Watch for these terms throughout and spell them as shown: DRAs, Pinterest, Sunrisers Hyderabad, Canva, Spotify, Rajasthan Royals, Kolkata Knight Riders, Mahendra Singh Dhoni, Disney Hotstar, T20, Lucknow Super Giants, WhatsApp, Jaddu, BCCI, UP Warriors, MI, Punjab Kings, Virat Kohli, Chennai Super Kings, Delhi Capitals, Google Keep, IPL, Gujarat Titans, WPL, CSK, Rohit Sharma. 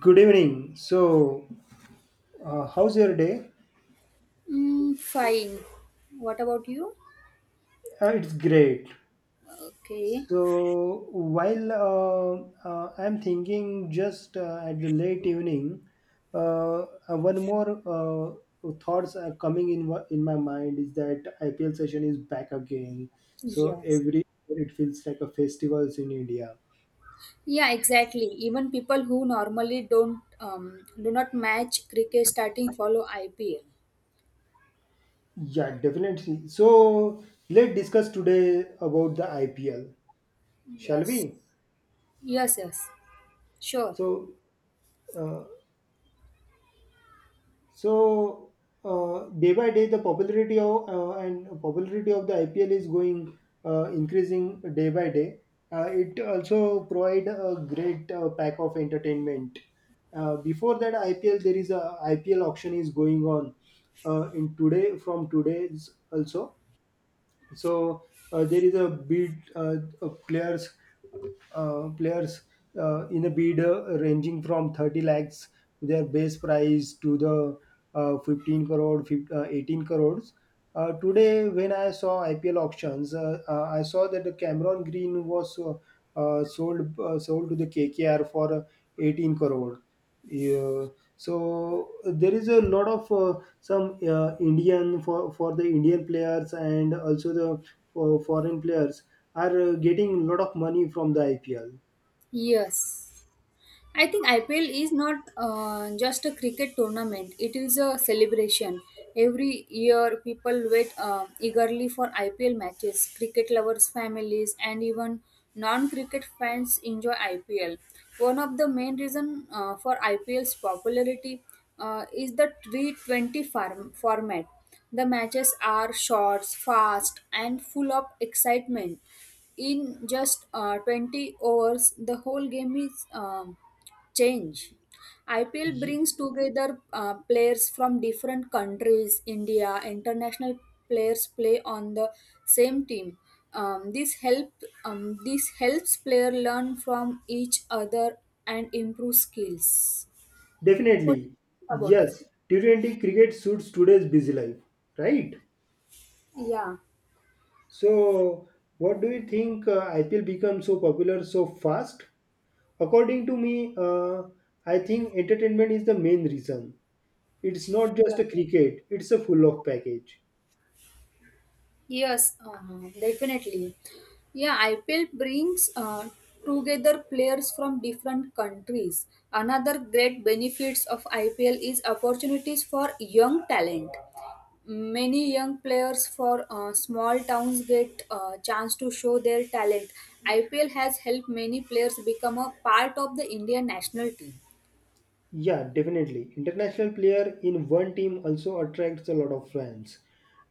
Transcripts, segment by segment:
Good evening. So, how's your day? Mm, fine. What about you? It's great. Okay. So, while I'm thinking just at the late evening, uh, one more thoughts are coming in my mind is that IPL session is back again. So Yes. every it feels like a festivals in India. Yeah, exactly. Even people who normally don't do not match cricket starting follow IPL. Yeah, definitely. So let's discuss today about the IPL, shall Yes. we? Yes, yes. Sure. So. Uh, So Day by day, the popularity of the IPL is going increasing day by day. It also provide a great pack of entertainment. Before that IPL, there is a IPL auction is going on in today from today's also, so there is a bid of players in a bid ranging from 30 lakhs, their base price, to the 15 crore, 15, 18 crores. Today, when I saw IPL auctions, I saw that the Cameron Green was sold to the KKR for 18 crore. Yeah, so there is a lot of some Indian for the Indian players and also the for foreign players are getting a lot of money from the IPL. Yes. I think IPL is not just a cricket tournament, it is a celebration. Every year, people wait eagerly for IPL matches. Cricket lovers, families, and even non cricket fans enjoy IPL. One of the main reasons for IPL's popularity is the T20 format. The matches are short, fast, and full of excitement. In just 20 overs, the whole game is changed. IPL Ye- brings together players from different countries, India, international players play on the same team. Um, this help this helps player learn from each other and improve skills. What do you Definitely, think about yes. it? T20 cricket suits today's busy life, right? Yeah. So, what do you think IPL becomes so popular so fast? According to me, I think entertainment is the main reason. It's not Yeah. just a cricket; it's a full of package. Yes, definitely. Yeah, IPL brings together players from different countries. Another great benefits of IPL is opportunities for young talent. Many young players for small towns get a chance to show their talent. IPL has helped many players become a part of the Indian national team. Yeah, definitely. International player in one team also attracts a lot of fans.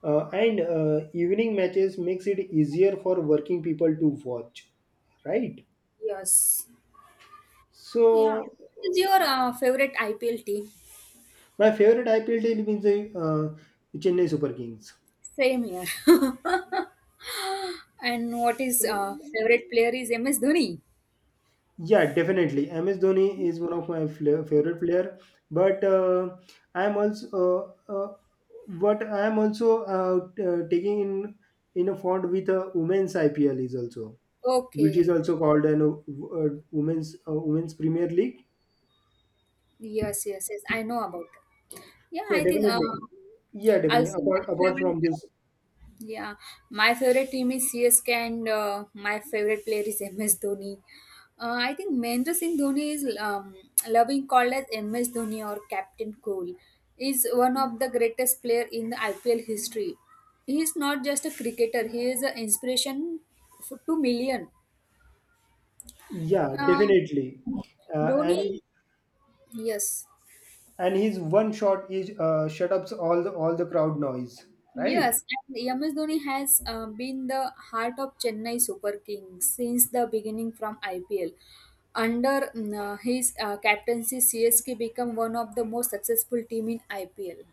And evening matches makes it easier for working people to watch, right? Yes. Yeah. What So is your favorite IPL team? my favorite IPL team is Chennai Super Kings. Same here. And what is Uh, favorite player is MS Dhoni. yeah, definitely. MS Dhoni is one of my favorite player, but I am also taking in a font with a women's IPL is also. Which is Okay. also called an women's Premier League. Yes, yes, yes. I know about. That. Yeah, Yeah, I think definitely. Yeah, definitely. also my Apart favorite. from this, Yeah, my favorite team is CSK, and my favorite player is MS Dhoni. I think Mahendra Singh Dhoni is loving called as MS Dhoni or Captain Cool. Is one of the greatest player in the IPL history. He is not just a cricketer; he is an inspiration to million. yeah, Uh, definitely. Uh, Dhoni, and yes, and his one shot is shut ups all the crowd noise, right? yes, and MS Dhoni has been the heart of Chennai Super Kings since the beginning from IPL. Under his captaincy, CSK became one of the most successful team in IPL.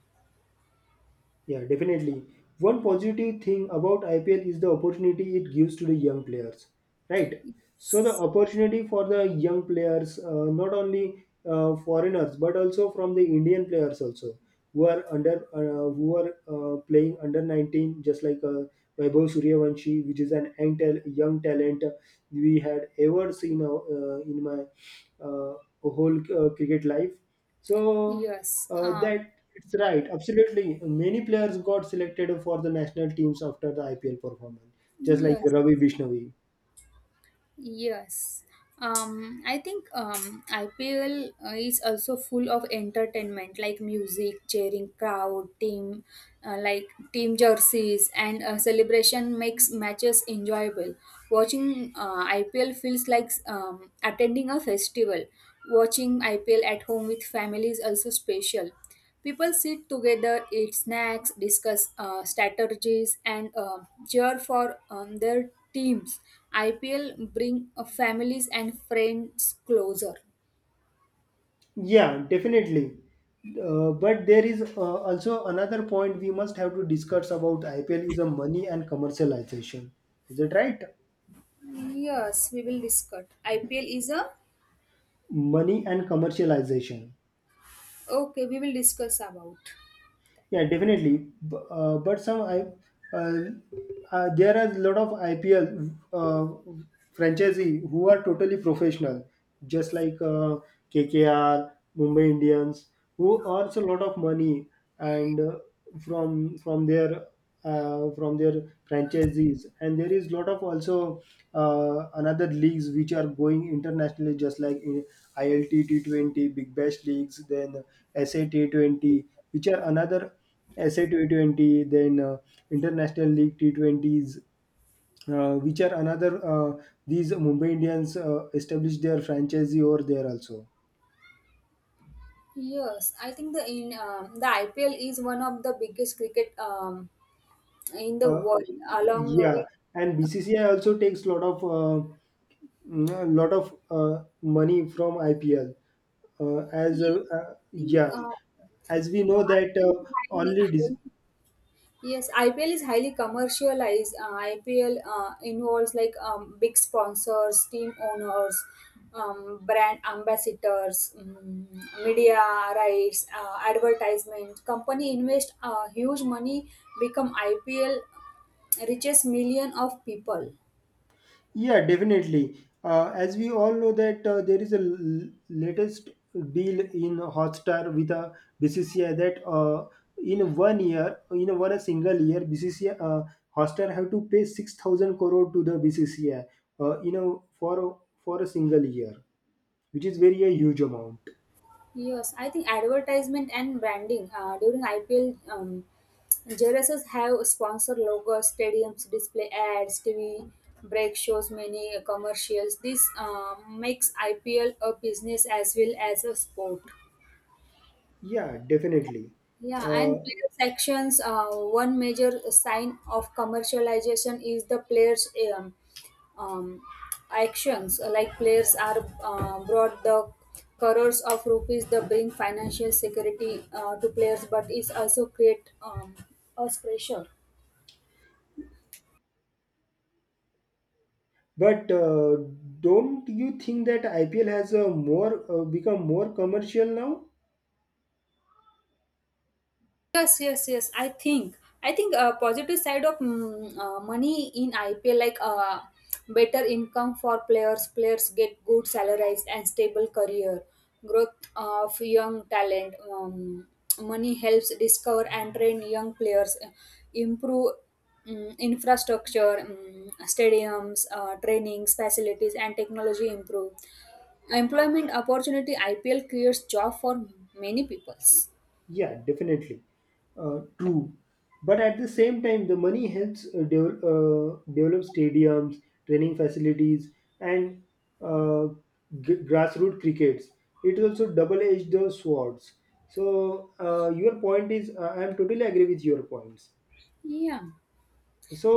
Yeah, definitely. One positive thing about IPL is the opportunity it gives to the young players, right? So the opportunity for the young players, not only foreigners but also from the Indian players also who are playing under 19, just like Vaibhav Suryavanshi, which is an young, young talent we had ever seen in my uh, whole cricket life. So Yes, that it's right, absolutely. Many players got selected for the national teams after the IPL performance, just like yes, Ravi Bishnavi. yes. I think IPL is also full of entertainment like music, cheering crowd, team like team jerseys and celebration makes matches enjoyable. Watching IPL feels like attending a festival. Watching IPL at home with family is also special. People sit together, eat snacks, discuss strategies, and cheer for their teams. IPL bring families and friends closer. Yeah, definitely. But there is also another point we must have to discuss about IPL is a money and commercialization. Is it right? Yes, we will discuss. IPL is a Money and commercialization. okay. We will discuss about. Yeah, definitely. B- but some I uh, there are a lot of IPL uh, franchisee who are totally professional, just like KKR, Mumbai Indians, who earns a lot of money and from from their from their franchisees, and there is lot of also another leagues which are going internationally, just like in ILT T20 Big Bash leagues, then SA T20 which are another SA T20, then International League T20s, which are another these Mumbai Indians established their franchisee over there also. Yes, I think the in the IPL is one of the biggest cricket in the uh, world, along yeah, with. and BCCI also takes lot of a lot of money from IPL. As Yes, I think. Yeah, as we know I that think highly, highly. Yes, IPL is highly commercialized. IPL involves like big sponsors, team owners, brand ambassadors, media rights, advertisement. Company invest huge money, become IPL reaches million of people. yeah, definitely. As we all know that there is a latest deal in Hotstar with a BCCI that in one year, in one a single year, BCCI Hotstar have to pay 6,000 crore to the BCCI. For for a single year, which is very a huge amount. Yes, I think advertisement and branding during IPL, JLSs have sponsor logos, stadiums, display ads, TV break shows, many commercials. This makes IPL a business as well as a sport. Yeah, definitely. Yeah, Uh, and player sections. One major sign of commercialization is the players' um, um, actions. Like players are brought the crores of rupees that bring financial security to players, but it also create a pressure. But don't you think that IPL has a more become more commercial now? Yes, yes, yes. I think a positive side of money in IPL like better income for players. Players get good salaries and stable career. Growth of young talent. Money helps discover and train young players. Improve infrastructure, stadiums, trainings, facilities, and technology improve. Employment opportunity IPL creates job for many peoples. Yeah, definitely. True. But at the same time, the money helps develop stadiums, training facilities, and uh, grassroots crickets. It is also double-edged the swords. So your point is, I am totally agree with your points. Yeah.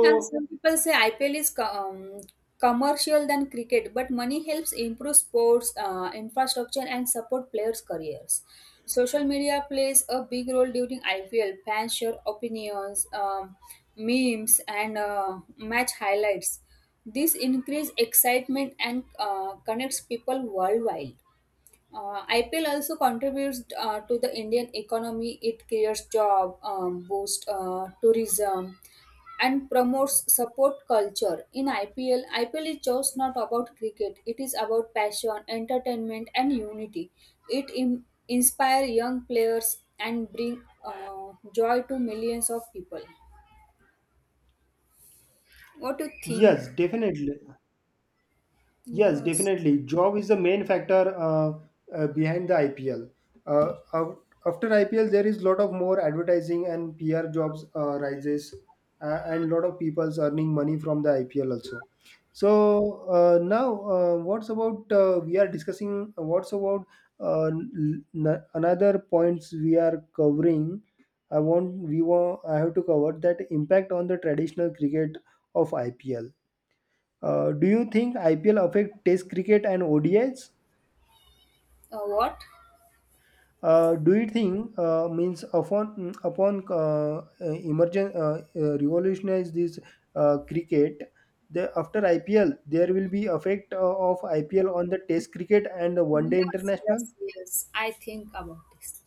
Yeah, some people say IPL is commercial than cricket, but money helps improve sports infrastructure and support players' careers. Social media plays a big role during IPL. Fans share opinions, memes, and match highlights. This increases excitement and connects people worldwide. IPL also contributes to the Indian economy. It creates job, boosts tourism, and promotes support culture. IPL is just not about cricket. It is about passion, entertainment, and unity. It inspires young players and bring joy to millions of people. What do you think? yes, definitely. Yes, Yes. definitely. Job is the main factor behind the IPL. Uh, af- After IPL, there is lot of more advertising and PR jobs rises, and lot of people's earning money from the IPL also. So now, what's about we are discussing? What's about another points we are covering? I want we want I have to cover that impact on the traditional cricket of IPL. Do you think IPL affect Test cricket and ODIs? What? Do you think means upon emergent revolutionize this cricket? The, after IPL, there will be effect of IPL on the Test cricket and the One Day Yes, International. yes, yes. I think about this.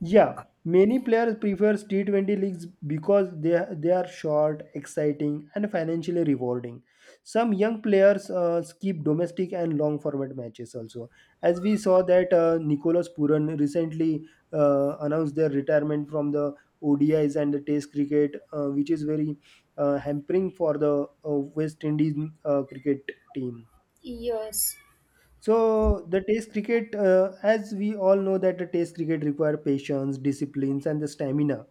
Yeah, many players prefer T20 leagues because they are short, exciting, and financially rewarding. Some young players skip domestic and long format matches also, as we saw that Nicolas Puran recently announced their retirement from the ODIs and the Test cricket, which is very hampering for the West Indies cricket team. Yes. So the test cricket, as we all know, that the test cricket require patience, disciplines, and the stamina,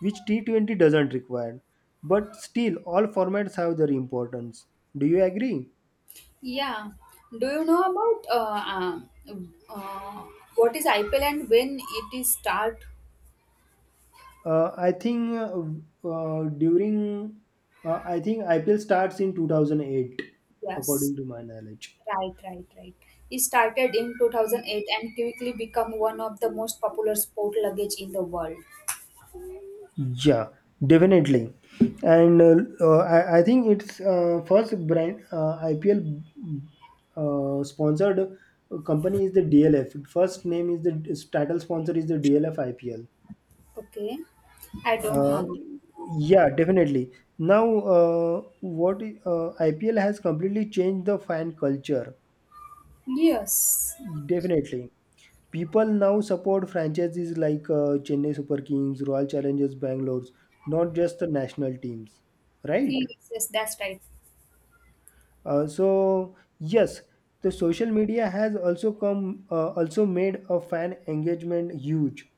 which T20 doesn't require. But still, all formats have their importance. Do you agree? Yeah. Do you know about um, uh, what is IPL and when it is start? Uh, I think uh, uh, during, I think IPL starts in 2008, Yes, according to my knowledge. right, right, right. It started in 2008 and quickly become one of the most popular sport luggage in the world. Yeah, definitely. And I think it's first brand IPL sponsored company is the DLF. First name is the title sponsor is the DLF IPL. Okay, I don't Uh, have. It. yeah, definitely. Now, what IPL has completely changed the fan culture. Yes, Definitely. People now support franchises like Chennai Super Kings, Royal Challengers Bangalore, not just the national teams, right? yes, yes, that's right. So yes, the social media has also come also made a fan engagement huge.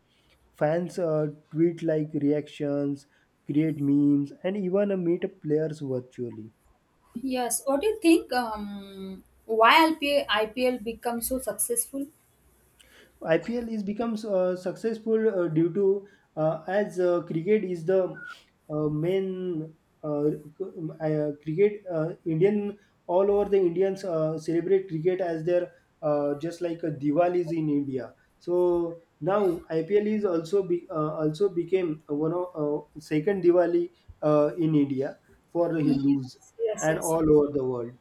Fans tweet like reactions, create memes, and even meet players virtually. Yes. What do you think? Why IPL become so successful? IPL is becomes successful due to as cricket is the main uh, cricket Indian, all over the Indians celebrate cricket as their, just like a Diwali is in India. So now IPL is also became one of second Diwali in India for the Yes, yes, Hindus and yes, all yes. over the world.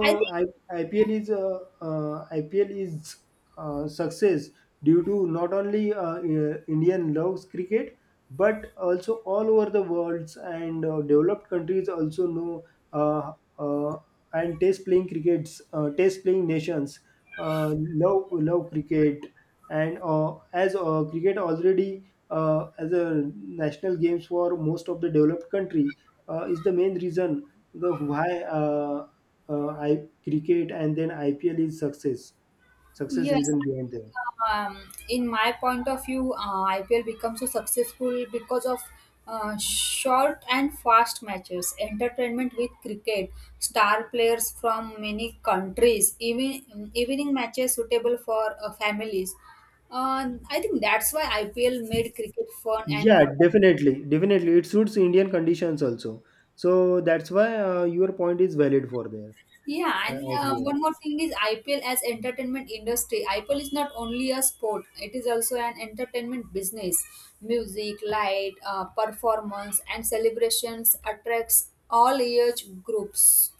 I think I, IPL is success due to not only Indian loves cricket but also all over the worlds and developed countries also know uh, uh, and taste playing crickets, taste playing nations uh, love cricket and as cricket already as a national games for most of the developed country is the main reason the why uh, I cricket and then IPL is success Yes, reason I behind them. think, in my point of view, IPL becomes so successful because of short and fast matches, entertainment with cricket, star players from many countries, even evening matches suitable for families. I think that's why IPL made cricket fun and Yeah, modern. definitely, definitely. It suits Indian conditions also. So that's why your point is valid for there, Yeah, and out here. one more thing is IPL as entertainment industry. IPL is not only a sport; it is also an entertainment business. Music, light, performance, and celebrations attracts all age groups.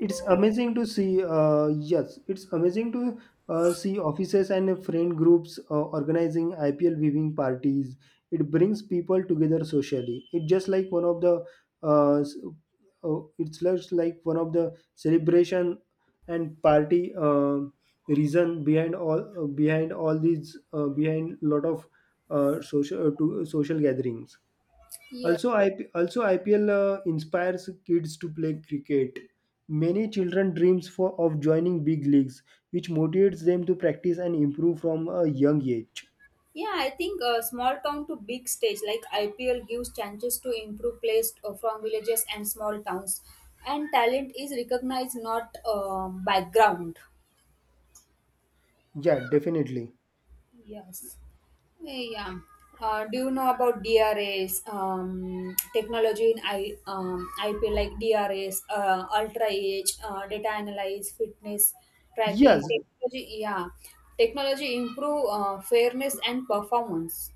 It's amazing to see Yes, it's amazing to see offices and friend groups organizing IPL viewing parties. It brings people together socially. It's just like one of the s- it's just like one of the celebration and party, reason behind all, behind all these, behind lot of social, social gatherings. Yeah, Also, also IPL inspires kids to play cricket. Many children dreams for of joining big leagues, which motivates them to practice and improve from a young age. yeah. I think small town to big stage like IPL gives chances to improve players from villages and small towns, and talent is recognized, not background. Yeah, definitely. Yes. Yeah. Do you know about DRAs, technology in IP like DRAs, ultra age, data analyze, fitness tracking, Yes, technology, yeah. Technology improve fairness and performance.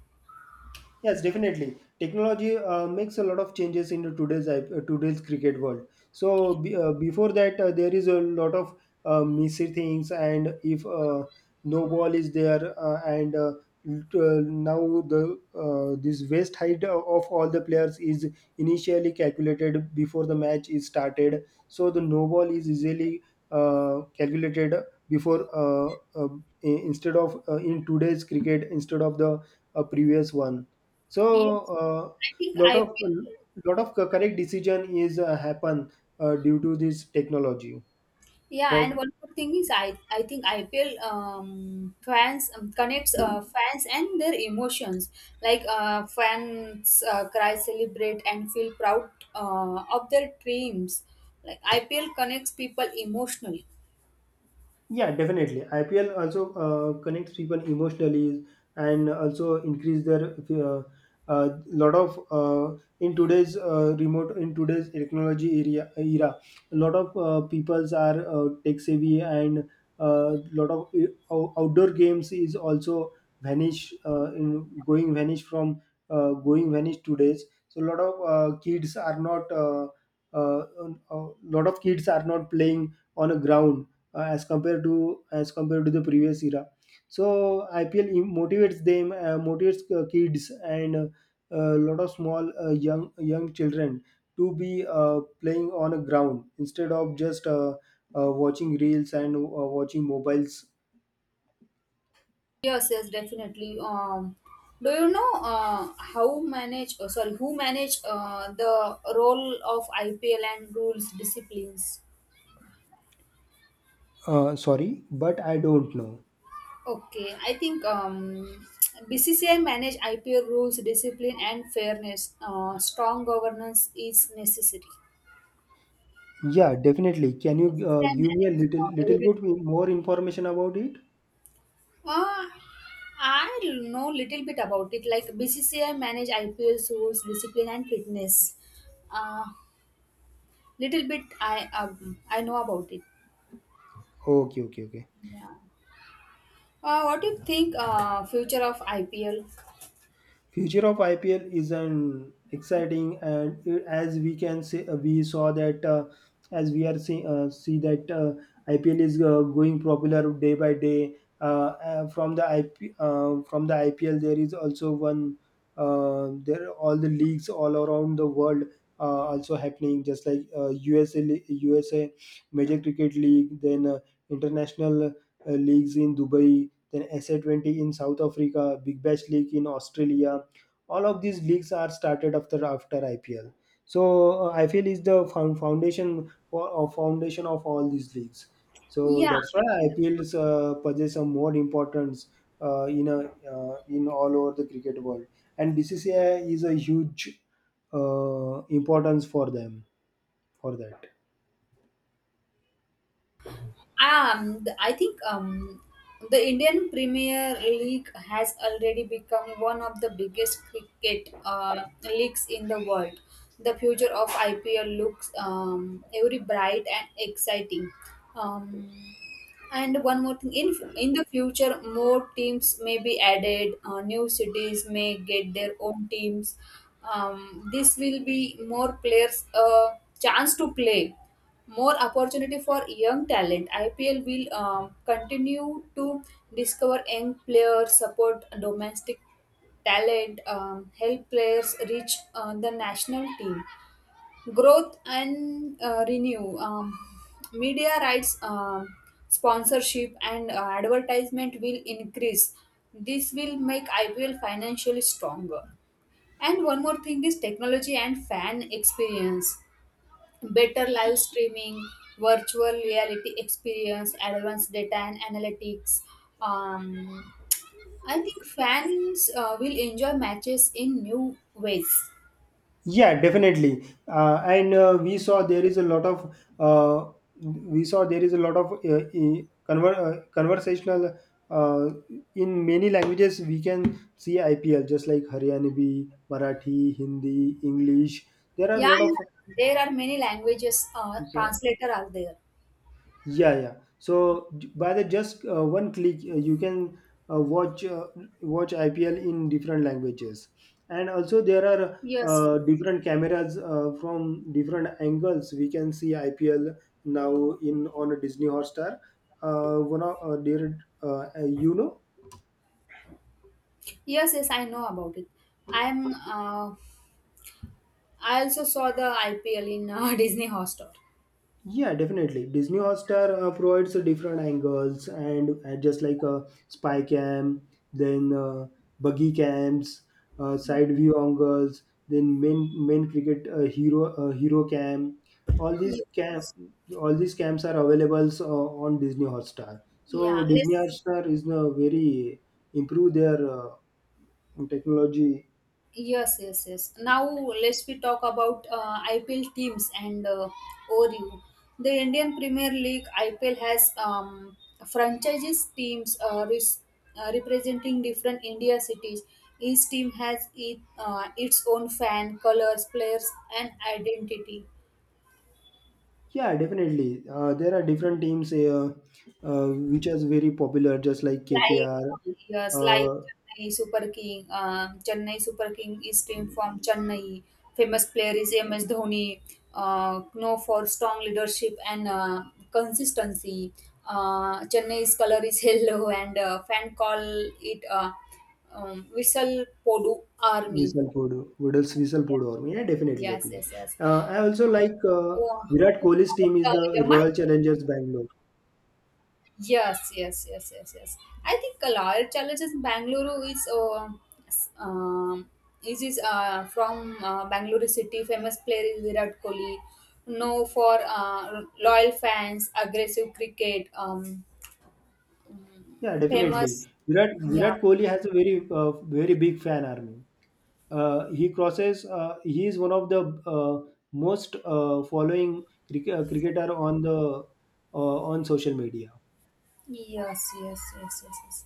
yes, definitely. Technology makes a lot of changes in today's today's cricket world. So before that, there is a lot of messy things, and if no ball is there, uh, and uh, now the this waist height of all the players is initially calculated before the match is started. So the no ball is easily calculated before uh, uh, instead of in today's cricket instead of the previous one. So Yes. uh, I lot think of IPL lot of correct decision is happen due to this technology Yeah, for and one more thing is, I think IPL fans connects fans and their emotions. Like fans cry, celebrate, and feel proud of their dreams. Like IPL connects people emotionally. Yeah, definitely. IPL also connects people emotionally and also increase their lot of in today's technology area era. A lot of peoples are tech savvy, and lot of outdoor games is also vanish, in going vanish from, going vanish today's. So a lot of kids are not. Uh, a lot of kids are not playing on a ground, as compared to the previous era. So IPL motivates kids and a lot of small young children to be playing on a ground instead of just watching reels and watching mobiles. Yes, yes, definitely. Do you know how manage? Oh, sorry, who manage the role of IPL and rules disciplines? Sorry, but I don't know. Okay, I think BCCI manage IPO rules, discipline, and fairness. Strong governance is necessary. Yeah, definitely. Can you BCCI give me a manage little little everything. bit more information about it? Uh, I know little bit about it. Like BCCI manage IPL rules, discipline, and fitness. Uh, Little bit I know about it. Okay, okay, okay. Yeah. What do you think? Future of IPL? Future of IPL is an exciting, and it- as we can say, we saw that as we are seeing see that IPL is going popular day by day. From the IPL, there is also one there are all the leagues all around the world also happening, just like USA Major Cricket League, then international leagues in Dubai, then SA20 in South Africa, Big Bash League in Australia, all of these leagues are started after IPL. So I feel is the found foundation for or foundation of all these leagues. So Yeah, that's why IPL possess a more importance uh, in a in all over the cricket world, and BCCI is a huge importance for them for that. I think the Indian Premier League has already become one of the biggest cricket leagues in the world. The future of IPL looks very bright and exciting. Um, and one more thing, in the future, more teams may be added. New cities may get their own teams. This will be more players chance to play, more opportunity for young talent. IPL will continue to discover young players, support domestic talent, help players reach the national team growth and renew media rights, sponsorship, and advertisement will increase. This will make ipl financially stronger. And one more thing is technology and fan experience, better live streaming, virtual reality experience, advanced data and analytics. um, I think fans will enjoy matches in new ways. Yeah, definitely. And we saw there is a lot of We saw there is a lot of conversational uh, in many languages. We can see IPL just like Haryanvi, Marathi, Hindi, English. There are a Yeah, lot yeah. There are many languages of. translator are there. Yeah, yeah. So j- by the just one click, you can uh, watch uh, watch IPL in different languages, and also there are Yes, yes, different cameras from different angles. We can see IPL now in on a Disney Hotstar. One of there, you know yes, yes, I know about it. I'm. I also saw the IPL in Disney Hotstar. Yeah, definitely. Disney Hotstar provides different angles and just like a spy cam, then buggy cams, side view angles, then main cricket hero cam. All these Ye- cam, all these cams are available on Disney Hotstar. So Yeah, Disney let's. Hotstar is very improve their technology. Yes, yes, yes. Now let's we talk about IPL teams and ORU. The Indian Premier League IPL has franchises teams representing different India cities. Each team has its own fan, colors, players, and identity. Yeah, definitely. There are different teams which is very popular, just like Like, KKR, yes, like uh, Chennai Super King. Chennai Super King is team from Chennai. Famous player is MS Dhoni, known for strong leadership and consistency. Chennai's color is yellow, and fan call it Whistle Podu Army. Vishalpur, Vidals Vishalpur Army. Yeah, definitely, Yes, definitely. yes, yes. I also like Oh, Virat you Kohli's know about, team is the MI? Royal Challengers Bangalore. Yes, yes, yes, yes, yes. I think a lot of challenges in Bangalore is s- um, from Bangalore city. Famous player is Virat Kohli, known for loyal fans, aggressive cricket. Yeah, mm, definitely. famous, Virat yeah, Virat Kohli has a very big fan army. He crosses. He is one of the most following cricketer on the on social media yes, yes, yes, yes, yes.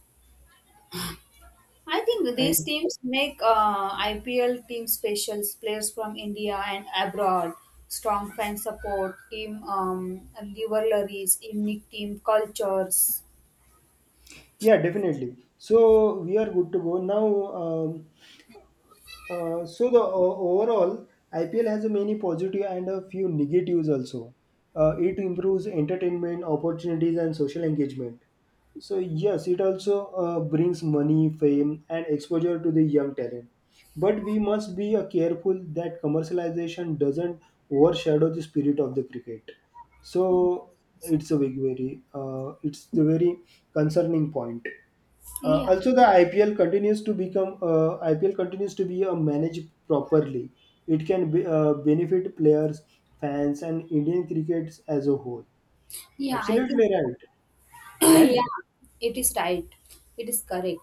I think these and. teams make IPL team specials, players from India and abroad, strong fan support, team rivalries, unique team cultures. Yeah, definitely. So we are good to go now. Um, overall, IPL has a many positive and a few negatives also. It improves entertainment opportunities and social engagement. So yes, it also brings money, fame, and exposure to the young talent. But we must be careful that commercialization doesn't overshadow the spirit of the cricket. So it's the very concerning point. Yeah, Uh, also, the IPL continues to become uh, IPL continues to be managed properly. It can be, benefit players, fans, and Indian crickets as a whole. yeah, I Absolutely think right. Right? Yeah, it is right. It is correct.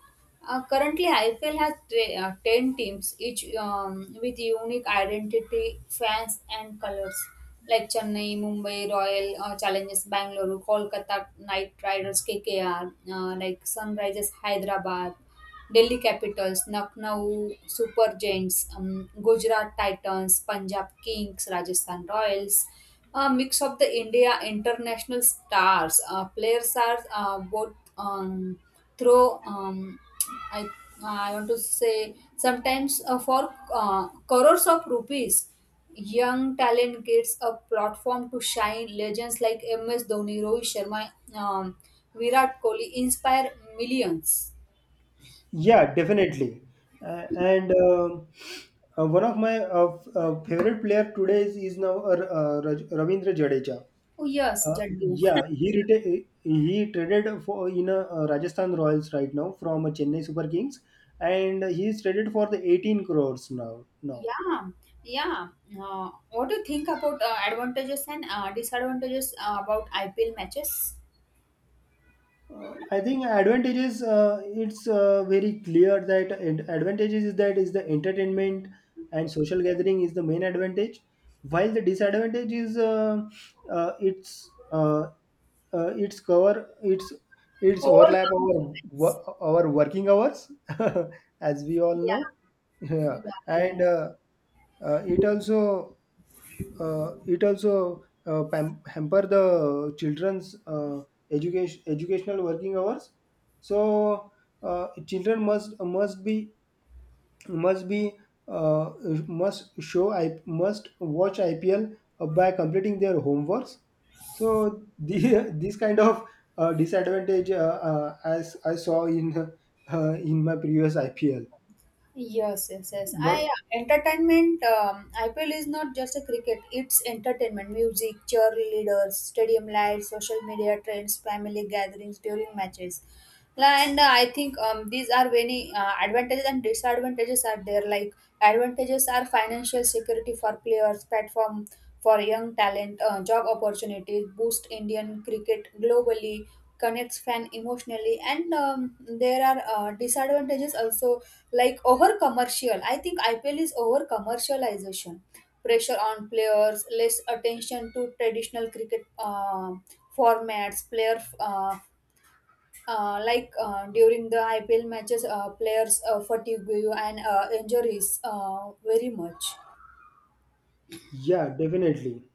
Currently, IPL has 10 teams, each with unique identity, fans, and colors like Chennai, Mumbai, Royal Challengers Bangalore, Kolkata Knight Riders, KKR, like Sunrisers Hyderabad. Delhi Capitals, Lucknow Super Giants, Gujarat Titans, Punjab Kings, Rajasthan Royals. A mix of the India international stars. Players are both through. I I want to say sometimes for crores of rupees, young talent gets a platform to shine. Legends like MS Dhoni, Rohit Sharma, Virat Kohli inspire millions. Yeah, definitely. And one of my favorite player today is now Ravindra Jadeja. Oh yes, Uh, Jaddu. yeah, he traded for in a, Rajasthan Royals right now from a Chennai Super Kings, and he is traded for the 18 crores now. Now, Yeah, yeah. What do you think about advantages and disadvantages about IPL matches? I think advantages. It's very clear that advantages is that is the entertainment and social gathering is the main advantage, while the disadvantage is uh, it's uh, it's cover it's Core overlap our comes. Our working hours as we all know, Yeah, yeah, yeah, and yeah. Uh, it also it also hamper the children's educational working hours so children must be must be uh, must show I must watch ipl by completing their homeworks so this kind of disadvantage as I saw in my previous ipl Yes, yes, yes. not I Entertainment. IPL is not just a cricket; it's entertainment, music, cheerleaders, stadium lights, social media trends, family gatherings during matches. And I think these are many advantages and disadvantages are there. Like advantages are financial security for players, platform for young talent, job opportunities, boost Indian cricket globally, connects fan emotionally, and there are disadvantages also, like over commercial. I think ipl is over commercialization, pressure on players, less attention to traditional cricket formats. Player like During the ipl matches players fatigue and injuries very much. yeah definitely.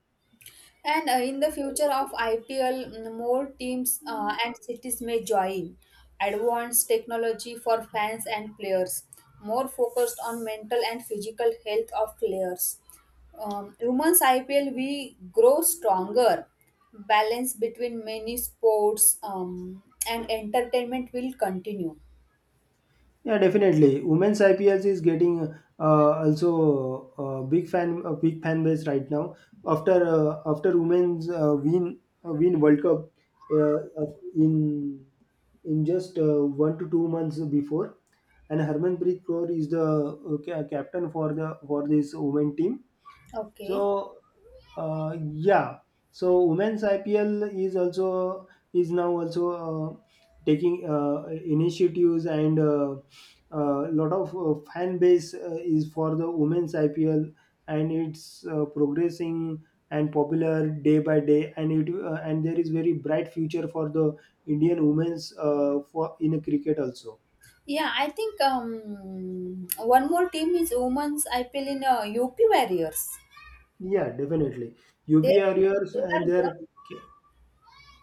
And in the future of IPL, more teams and cities may join. Advanced technology for fans and players, more focused on mental and physical health of players. Women's IPL we grow stronger. Balance between many sports and entertainment will continue. Yeah, definitely. Women's IPLs is getting also a big fan base right now. After women's win World Cup uh, of- in in just 1 to 2 months before, and Harmanpreet Kaur is the captain for the for this women team. Okay. So yeah, so women's IPL is also is now also taking initiatives and a lot of fan base is for the women's IPL, and it's progressing and popular day by day, and it and there is very bright future for the Indian women's for in a cricket also. Yeah, I think one more team is women's IPL in UP Warriors. Yeah, definitely. They, UP Warriors they are gone.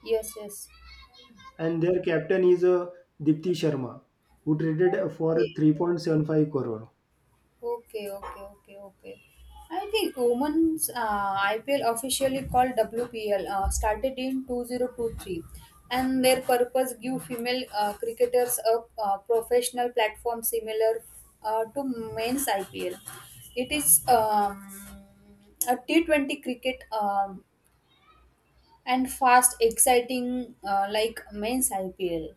Yes, yes. and their captain is Dipti Sharma, who traded for Okay, 3.75 crore. okay, okay, okay, okay. I think women's IPL officially called WPL started in 2023 and their purpose give female cricketers a professional platform similar to men's IPL. It is a T20 cricket and fast, exciting like men's IPL.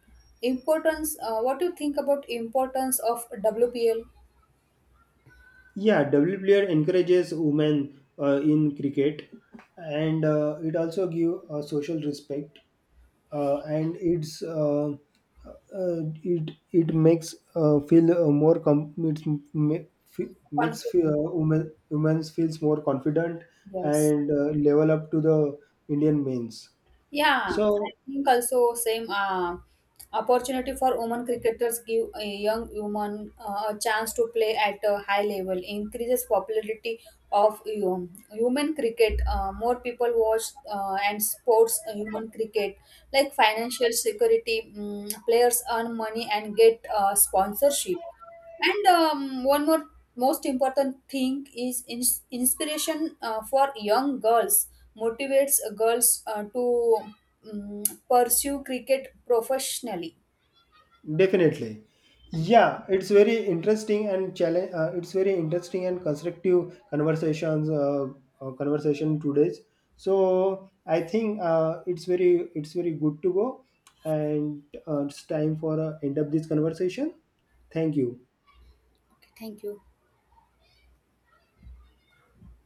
Importance, what do you think about importance of WPL? Yeah, WPR encourages women in cricket, and it also give social respect, and it it makes feel more com- it's ma- fe- makes fe- Confident. Women women feels more confident Yes. and level up to the Indian mains. Yeah, I So think also same opportunity for women cricketers give a young woman a chance to play at a high level, increases popularity of human cricket. More people watch and sports human cricket, like financial security. Players earn money and get sponsorship. And one more most important thing is inspiration for young girls motivates girls to um, pursue cricket professionally. definitely. Yeah, it's very interesting and challenge. It's very interesting and constructive conversations. Conversation today's. So I think it's very good to go, and it's time for end up this conversation. Thank you. Thank you.